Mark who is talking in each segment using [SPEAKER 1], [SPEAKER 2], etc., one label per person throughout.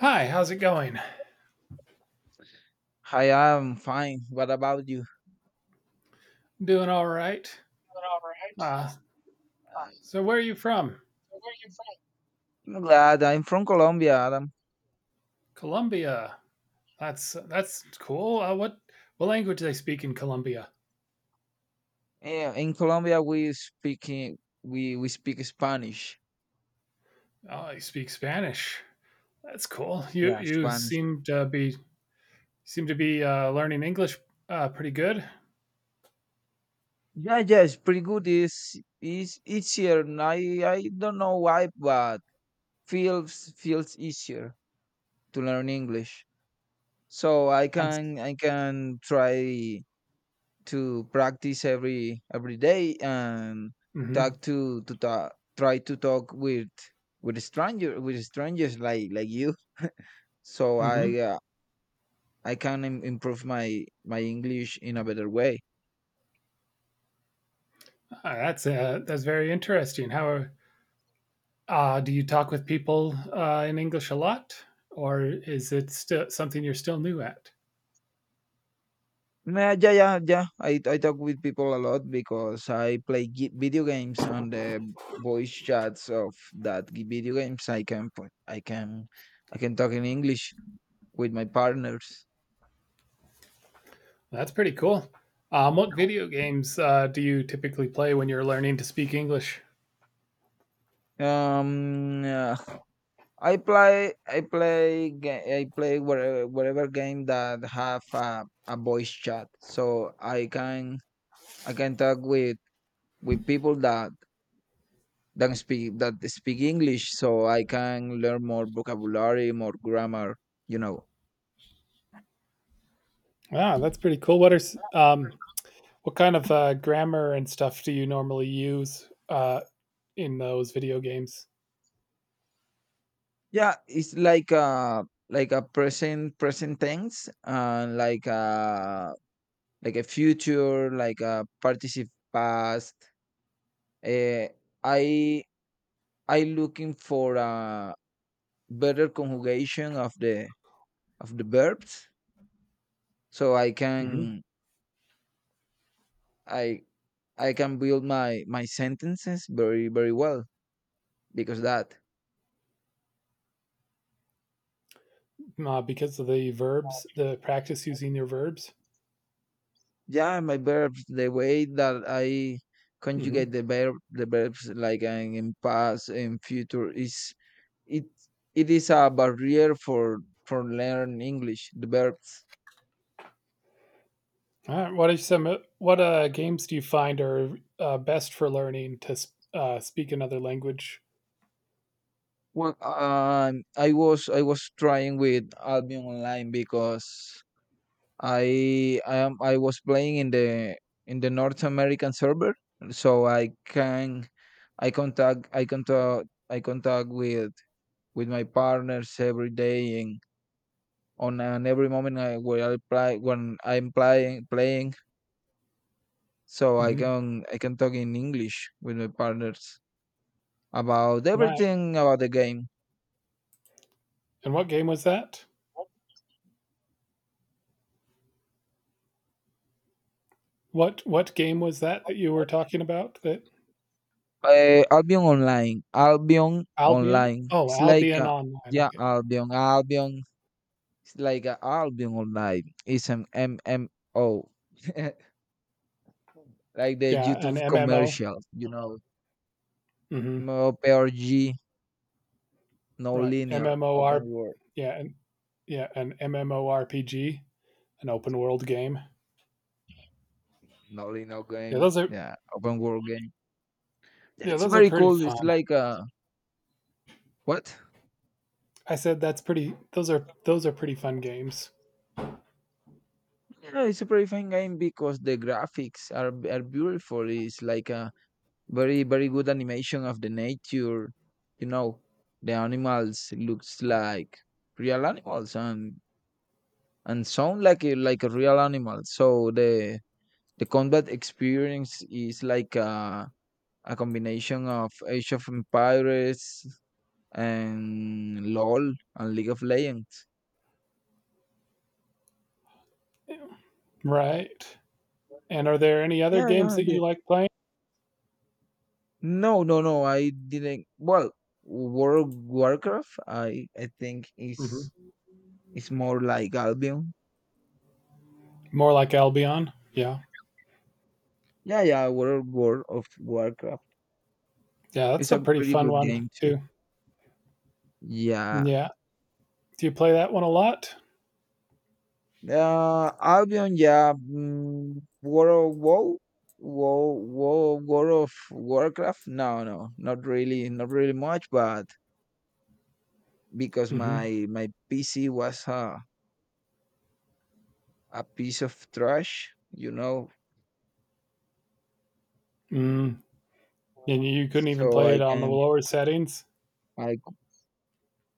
[SPEAKER 1] Hi, how's it going?
[SPEAKER 2] Hi, I'm fine. What about you? You're
[SPEAKER 1] Doing all right.
[SPEAKER 2] all right.
[SPEAKER 1] Uh,
[SPEAKER 2] Fine. So
[SPEAKER 1] so where are you from?
[SPEAKER 2] where are you from? I'm glad. I'm from Colombia, Adam.
[SPEAKER 1] Colombia. That's cool. What language do they speak in Colombia?
[SPEAKER 2] Yeah, in Colombia we speak Spanish.
[SPEAKER 1] Oh, they speak Spanish. That's cool. You
[SPEAKER 2] Yeah,
[SPEAKER 1] you
[SPEAKER 2] Spanish.
[SPEAKER 1] seem to be learning English pretty good.
[SPEAKER 2] Yeah, yeah, it's pretty good. It's easier. And I don't know why, but feels easier to learn English. So I
[SPEAKER 1] I'm. s-
[SPEAKER 2] can I can try to practice every day and talk
[SPEAKER 1] Mhm.
[SPEAKER 2] to talk, try to talk with stranger with strangers like you, so
[SPEAKER 1] Mhm.
[SPEAKER 2] I can improve my english in a better way.
[SPEAKER 1] That's very interesting. Do you talk with people in English a lot, or is it still something you're still new at?
[SPEAKER 2] Nah, Yeah, i talk with people a lot because I play video games on the voice chats of that video games. I can put I can talk in english with my partners.
[SPEAKER 1] That's pretty cool. What video games do you typically play when you're learning to speak English?
[SPEAKER 2] Um, I play wherever whatever game that have a voice chat, so I can talk with people that speak English, so I can learn more vocabulary, more grammar. You know,
[SPEAKER 1] Wow, that's pretty cool. What kind of grammar and stuff do you normally use in those video games?
[SPEAKER 2] yeah, it's like a present tense and like a future, like a participle past. Uh, I I looking for a better conjugation of the verbs, so I
[SPEAKER 1] Hmm.
[SPEAKER 2] can i I can build my sentences very well because that.
[SPEAKER 1] Because of the verbs, the practice using your verbs.
[SPEAKER 2] Yeah, my verbs, the way that I conjugate
[SPEAKER 1] Hmm.
[SPEAKER 2] the verbs like in past and future is it it is a barrier for learn english, the verbs.
[SPEAKER 1] All right. What are some what games do you find are best for learning to speak another language?
[SPEAKER 2] Well, i was trying with Albion Online because I am I was playing in the North American server, so I contact with my partners every day and on and every moment I where I play when I'm playing, so
[SPEAKER 1] Hmm.
[SPEAKER 2] I can talk in English with my partners about
[SPEAKER 1] Right.
[SPEAKER 2] everything about the game.
[SPEAKER 1] And what game was that? What game was that that you were talking about? That
[SPEAKER 2] Albion Online, Albion
[SPEAKER 1] Albion?
[SPEAKER 2] Online.
[SPEAKER 1] Oh,
[SPEAKER 2] It's like
[SPEAKER 1] Albion Online.
[SPEAKER 2] yeah,
[SPEAKER 1] Okay.
[SPEAKER 2] Albion, Albion. It's like a album all night. It's an MMO, like the
[SPEAKER 1] Yeah, an
[SPEAKER 2] YouTube
[SPEAKER 1] MMO.
[SPEAKER 2] commercials, you know,
[SPEAKER 1] Mm hmm
[SPEAKER 2] MMORPG, no
[SPEAKER 1] Right.
[SPEAKER 2] linear, open
[SPEAKER 1] MMOR.
[SPEAKER 2] world.
[SPEAKER 1] Yeah, and yeah, an MMORPG, an open world game.
[SPEAKER 2] No linear
[SPEAKER 1] Yeah,
[SPEAKER 2] game,
[SPEAKER 1] those are
[SPEAKER 2] yeah, open world game.
[SPEAKER 1] yeah,
[SPEAKER 2] It's
[SPEAKER 1] those are
[SPEAKER 2] very
[SPEAKER 1] pretty
[SPEAKER 2] cool.
[SPEAKER 1] fun.
[SPEAKER 2] It's like what?
[SPEAKER 1] I said that's pretty. Those are pretty fun games.
[SPEAKER 2] Yeah, it's a very fun game because the graphics are beautiful. It's like a very good animation of the nature, you know. The animals looks like real animals and sound like like a real animal. So the combat experience is like a combination of Age of Empires and LOL and League of Legends.
[SPEAKER 1] Right. And are there any other
[SPEAKER 2] Yeah,
[SPEAKER 1] games
[SPEAKER 2] yeah.
[SPEAKER 1] that you like playing?
[SPEAKER 2] No, no, no. I didn't. Well, World of Warcraft, I think
[SPEAKER 1] Hmm.
[SPEAKER 2] is more like Albion.
[SPEAKER 1] More like Albion. Yeah.
[SPEAKER 2] Yeah, yeah. World War of Warcraft.
[SPEAKER 1] Yeah, that's
[SPEAKER 2] It's
[SPEAKER 1] a
[SPEAKER 2] a
[SPEAKER 1] pretty
[SPEAKER 2] pretty
[SPEAKER 1] fun
[SPEAKER 2] good
[SPEAKER 1] one
[SPEAKER 2] game too.
[SPEAKER 1] too.
[SPEAKER 2] Yeah.
[SPEAKER 1] Yeah. Do you play that one a lot?
[SPEAKER 2] Albion, yeah. Mm, World of WoW, WoW, World of Warcraft. No, no, not really, not really much. But because
[SPEAKER 1] Mm hmm
[SPEAKER 2] my PC was a piece of trash, you know,
[SPEAKER 1] Mm. And you couldn't even
[SPEAKER 2] so
[SPEAKER 1] play it
[SPEAKER 2] I
[SPEAKER 1] on the
[SPEAKER 2] can
[SPEAKER 1] lower settings.
[SPEAKER 2] I c-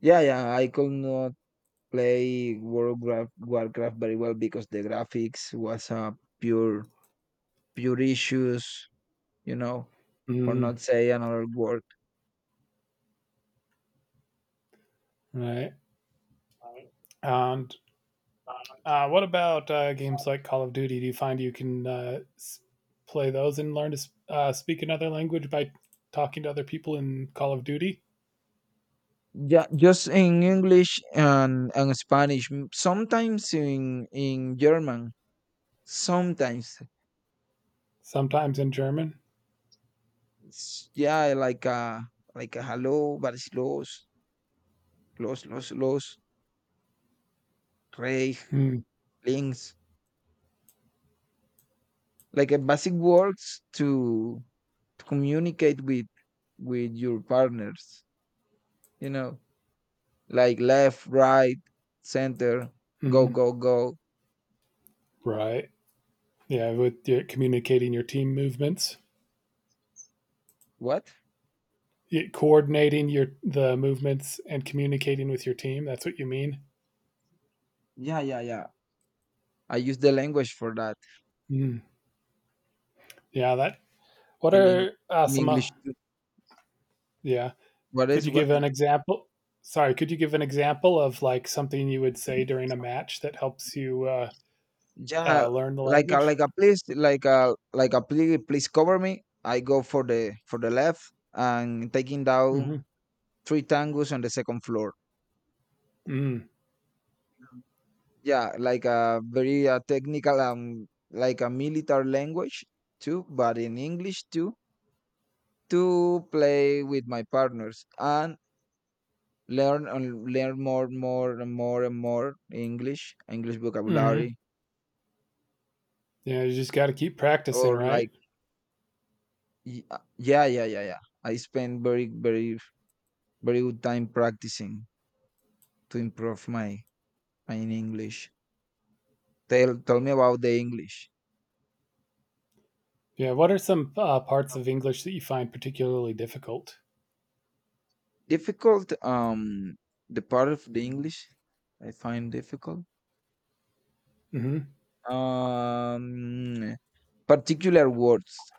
[SPEAKER 2] yeah, yeah, I could not play World of Warcraft Warcraft very well because the graphics was a pure pure issues, you know, for
[SPEAKER 1] Mhm,
[SPEAKER 2] not say another word.
[SPEAKER 1] right, and, what about, games like Call of Duty? Do you find you can, s play those and learn to s speak another language by talking to other people in Call of Duty?
[SPEAKER 2] Yeah, just in English and Spanish. Sometimes in German. Sometimes,
[SPEAKER 1] Sometimes in German?
[SPEAKER 2] it's, yeah, like a hello, but it's los, los, rey,
[SPEAKER 1] Hmm,
[SPEAKER 2] links, like a basic words to communicate with your partners. You know, like left, right, center, go,
[SPEAKER 1] mhm,
[SPEAKER 2] go, go.
[SPEAKER 1] right. Yeah, with your communicating your team movements?
[SPEAKER 2] What?
[SPEAKER 1] Y Coordinating your the movements and communicating with your team, that's what you mean?
[SPEAKER 2] Yeah, yeah, yeah. I use the language for that
[SPEAKER 1] Mm, yeah, that what
[SPEAKER 2] in
[SPEAKER 1] are, some,
[SPEAKER 2] English. Too.
[SPEAKER 1] yeah.
[SPEAKER 2] What
[SPEAKER 1] Could
[SPEAKER 2] is
[SPEAKER 1] you
[SPEAKER 2] what?
[SPEAKER 1] give an example? Sorry, could you give an example of like something you would say during a match that helps you
[SPEAKER 2] Yeah,
[SPEAKER 1] learn the
[SPEAKER 2] like
[SPEAKER 1] language?
[SPEAKER 2] a, please like a, please cover me. I go for the left and taking
[SPEAKER 1] Hmm.
[SPEAKER 2] down three tangos on the second floor.
[SPEAKER 1] Mm.
[SPEAKER 2] Yeah, like a very technical like a military language too, but in English too, to play with my partners and learn more, more and more English
[SPEAKER 1] Hmm.
[SPEAKER 2] vocabulary.
[SPEAKER 1] Yeah, you just got to keep practicing,
[SPEAKER 2] or
[SPEAKER 1] right?
[SPEAKER 2] like yeah. I spend very good time practicing to improve my my English. Tell me about the English.
[SPEAKER 1] Yeah. What are some parts of English that you find particularly difficult?
[SPEAKER 2] Difficult, the part of the English I find difficult.
[SPEAKER 1] Hmm.
[SPEAKER 2] Um, particular words.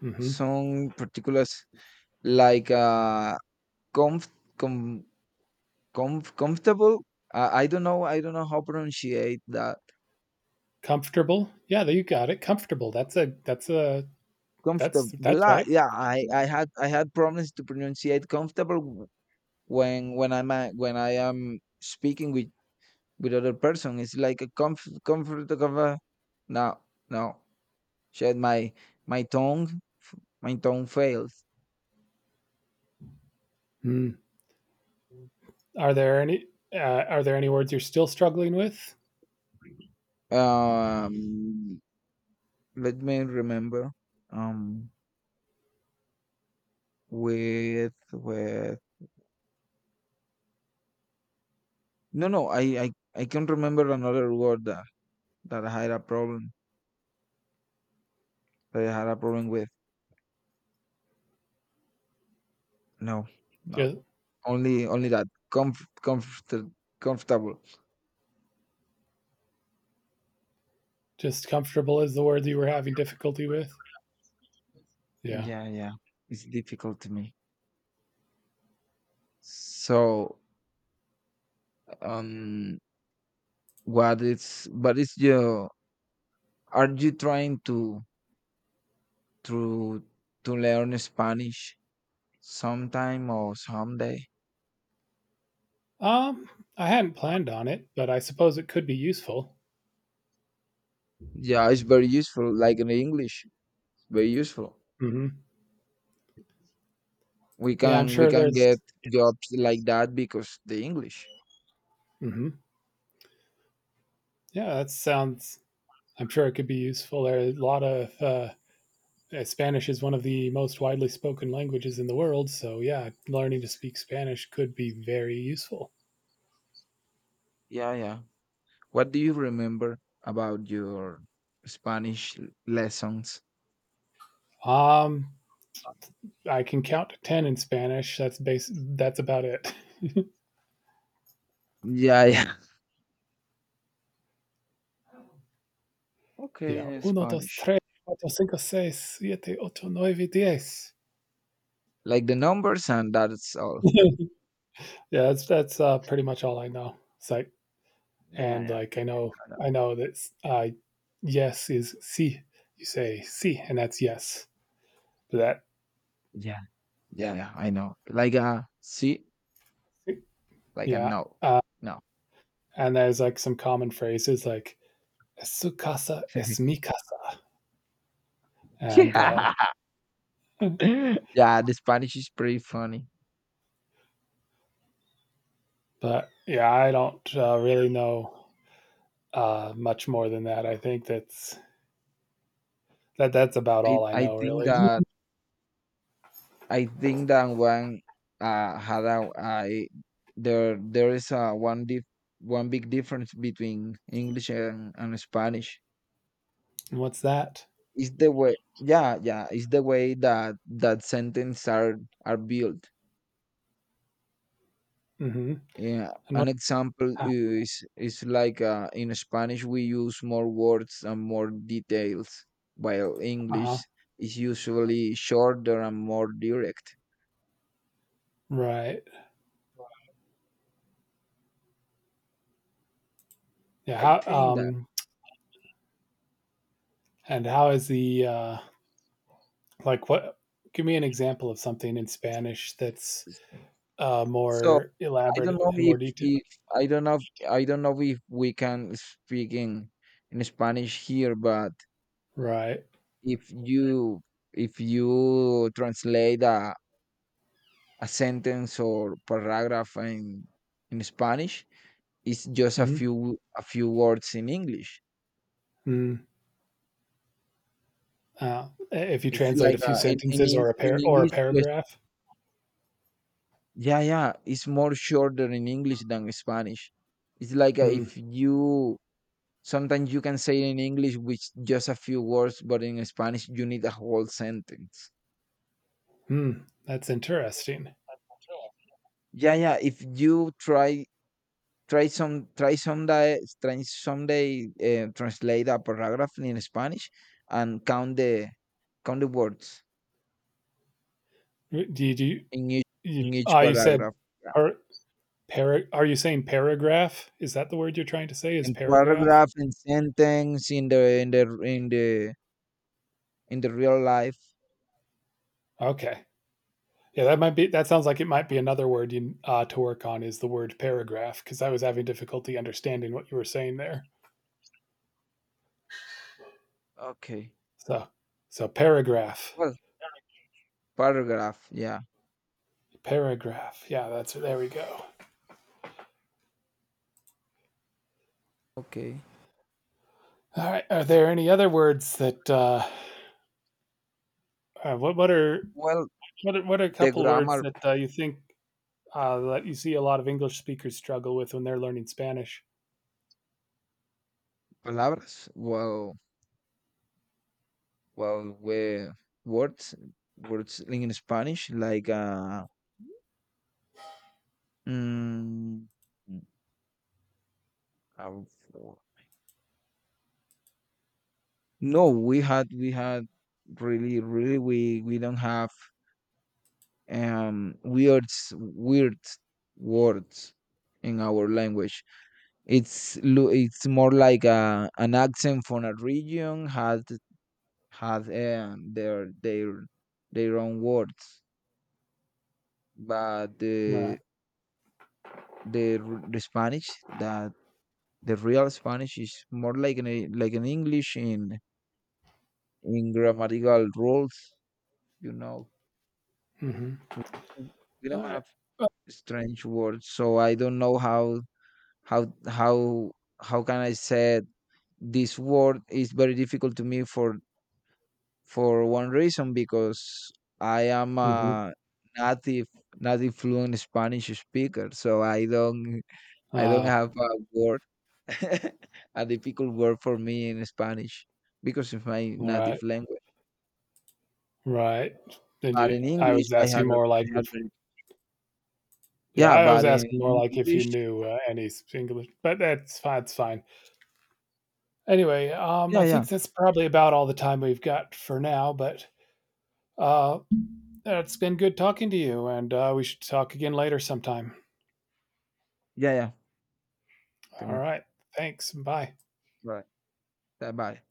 [SPEAKER 1] Hmm.
[SPEAKER 2] Some particulars like comf com comfortable. I don't know how pronunciate that.
[SPEAKER 1] Comfortable? Yeah, there you got it. Comfortable. That's a. That's a.
[SPEAKER 2] Comfortable,
[SPEAKER 1] That's that's
[SPEAKER 2] yeah,
[SPEAKER 1] right.
[SPEAKER 2] yeah, I had problems to pronunciate comfortable when when I am speaking with other person. It's like a comfort of a, no, no, shit. My tongue my tongue fails.
[SPEAKER 1] Mm. Are there any? Are there any words you're still struggling with?
[SPEAKER 2] Um, let me remember. Um, with, no, I I can remember another word that that I had a problem that I had a problem with. No, no,
[SPEAKER 1] Just,
[SPEAKER 2] only only that comf comfort comfortable.
[SPEAKER 1] just comfortable is the word you were having difficulty with. Yeah.
[SPEAKER 2] Yeah, yeah, it's difficult to me. So, um, what is your, are you trying to to learn Spanish sometime or someday?
[SPEAKER 1] Um, I hadn't planned on it, but I suppose it could be useful.
[SPEAKER 2] Yeah, it's very useful. Like in English, it's very useful.
[SPEAKER 1] Hmm. Yeah, I'm
[SPEAKER 2] We
[SPEAKER 1] sure
[SPEAKER 2] can
[SPEAKER 1] there's.
[SPEAKER 2] get jobs like that because the English.
[SPEAKER 1] Hmm. Yeah, that sounds. I'm sure it could be useful. There are a lot of. Spanish is one of the most widely spoken languages in the world, so yeah, learning to speak Spanish could be very useful.
[SPEAKER 2] Yeah, yeah. What do you remember about your Spanish lessons?
[SPEAKER 1] Um, I can count to ten in Spanish. That's base. That's about it.
[SPEAKER 2] Yeah, yeah. Okay,
[SPEAKER 1] Yeah,
[SPEAKER 2] in
[SPEAKER 1] uno, dos,
[SPEAKER 2] Spanish.
[SPEAKER 1] tres, cuatro, cinco, seis, siete, ocho, nueve, diez.
[SPEAKER 2] Like the numbers and that's all.
[SPEAKER 1] Yeah, that's pretty much all I know. It's like
[SPEAKER 2] Yeah,
[SPEAKER 1] and
[SPEAKER 2] yeah.
[SPEAKER 1] like
[SPEAKER 2] I know.
[SPEAKER 1] I know that uh, yes is si. You say si, and that's yes. But
[SPEAKER 2] Yeah. Yeah, yeah, I know. Like a sí,
[SPEAKER 1] that
[SPEAKER 2] like a
[SPEAKER 1] yeah.
[SPEAKER 2] no.
[SPEAKER 1] Uh,
[SPEAKER 2] No.
[SPEAKER 1] and there's like some common phrases like "Es su casa es mi casa," and
[SPEAKER 2] Yeah. Yeah, the Spanish is pretty funny.
[SPEAKER 1] but yeah, I don't really know much more than that. I think that's that that's about all I
[SPEAKER 2] I
[SPEAKER 1] know
[SPEAKER 2] think
[SPEAKER 1] really.
[SPEAKER 2] that I think that one had a I there is a one dif one big difference between English and Spanish.
[SPEAKER 1] And what's that?
[SPEAKER 2] It's the way yeah, yeah, it's the way that that sentences are built.
[SPEAKER 1] Hmm.
[SPEAKER 2] Yeah,
[SPEAKER 1] And what?
[SPEAKER 2] an example
[SPEAKER 1] Uh
[SPEAKER 2] is like in Spanish we use more words and more details, while
[SPEAKER 1] huh.
[SPEAKER 2] English is usually shorter and more direct.
[SPEAKER 1] Right. Yeah.
[SPEAKER 2] I
[SPEAKER 1] How?
[SPEAKER 2] think that.
[SPEAKER 1] Um. And how is the? Like what? Give me an example of something in Spanish that's
[SPEAKER 2] So
[SPEAKER 1] more
[SPEAKER 2] I don't
[SPEAKER 1] elaborate
[SPEAKER 2] know
[SPEAKER 1] and
[SPEAKER 2] if,
[SPEAKER 1] more detailed.
[SPEAKER 2] if I don't know if, I don't know if we can speak in Spanish here, but
[SPEAKER 1] Right.
[SPEAKER 2] if you if you translate a sentence or paragraph in Spanish, it's just
[SPEAKER 1] Hmm.
[SPEAKER 2] a few words in English.
[SPEAKER 1] Mm. If you
[SPEAKER 2] It's
[SPEAKER 1] translate a
[SPEAKER 2] like
[SPEAKER 1] few
[SPEAKER 2] in
[SPEAKER 1] sentences or or a
[SPEAKER 2] English. Yes.
[SPEAKER 1] paragraph.
[SPEAKER 2] Yeah, yeah. It's more shorter in English than Spanish. It's like
[SPEAKER 1] Hmm.
[SPEAKER 2] if you sometimes you can say in English with just a few words, but in Spanish you need a whole sentence.
[SPEAKER 1] Hmm. That's interesting.
[SPEAKER 2] Yeah, yeah. If you try try some try someday translate a paragraph in Spanish and count the words
[SPEAKER 1] Do you,
[SPEAKER 2] in each
[SPEAKER 1] you,
[SPEAKER 2] in each
[SPEAKER 1] you said
[SPEAKER 2] paragraph.
[SPEAKER 1] Are are you saying paragraph? Is that the word you're trying to say? Is
[SPEAKER 2] And
[SPEAKER 1] paragraph?
[SPEAKER 2] paragraph and sentence in the in the in the in the real life.
[SPEAKER 1] Okay. Yeah, that might be. That sounds like it might be another word you to work on is the word paragraph because I was having difficulty understanding what you were saying there.
[SPEAKER 2] Okay.
[SPEAKER 1] So, so paragraph,
[SPEAKER 2] Well, paragraph, yeah.
[SPEAKER 1] paragraph. Yeah, that's there we go.
[SPEAKER 2] Okay.
[SPEAKER 1] All right. Are there any other words that? Uh, what what are
[SPEAKER 2] Well,
[SPEAKER 1] what are a
[SPEAKER 2] the
[SPEAKER 1] couple words
[SPEAKER 2] grammar,
[SPEAKER 1] that you think that you see a lot of English speakers struggle with when they're learning Spanish?
[SPEAKER 2] palabras, well, well we words, words in Spanish, like mm, uh, no, we had, really, really, we don't have, um, weird words in our language. It's it's more like an accent from a region has their their own words, but
[SPEAKER 1] All right.
[SPEAKER 2] the the Spanish that, the real Spanish is more like like an English in grammatical rules, you know.
[SPEAKER 1] Mm-hmm.
[SPEAKER 2] We
[SPEAKER 1] All
[SPEAKER 2] don't
[SPEAKER 1] right.
[SPEAKER 2] have strange words, so I don't know how how how can I say it? This word is very difficult to me for one reason, because I am
[SPEAKER 1] Mm-hmm.
[SPEAKER 2] a native native fluent Spanish speaker, so I don't
[SPEAKER 1] Uh,
[SPEAKER 2] have a word a difficult word for me in Spanish because it's my
[SPEAKER 1] all
[SPEAKER 2] native
[SPEAKER 1] right.
[SPEAKER 2] language.
[SPEAKER 1] Right.
[SPEAKER 2] But in
[SPEAKER 1] I
[SPEAKER 2] English,
[SPEAKER 1] was asking more like
[SPEAKER 2] I
[SPEAKER 1] if,
[SPEAKER 2] had very,
[SPEAKER 1] yeah,
[SPEAKER 2] yeah.
[SPEAKER 1] I was
[SPEAKER 2] But in
[SPEAKER 1] asking more like if you
[SPEAKER 2] English,
[SPEAKER 1] knew any English, but that's fine. It's fine. Anyway,
[SPEAKER 2] yeah,
[SPEAKER 1] I
[SPEAKER 2] yeah,
[SPEAKER 1] think that's probably about all the time we've got for now, but uh, it's been good talking to you, and we should talk again later sometime.
[SPEAKER 2] yeah.
[SPEAKER 1] All
[SPEAKER 2] Tengo-.
[SPEAKER 1] right. Thanks. Bye.
[SPEAKER 2] Right. Bye.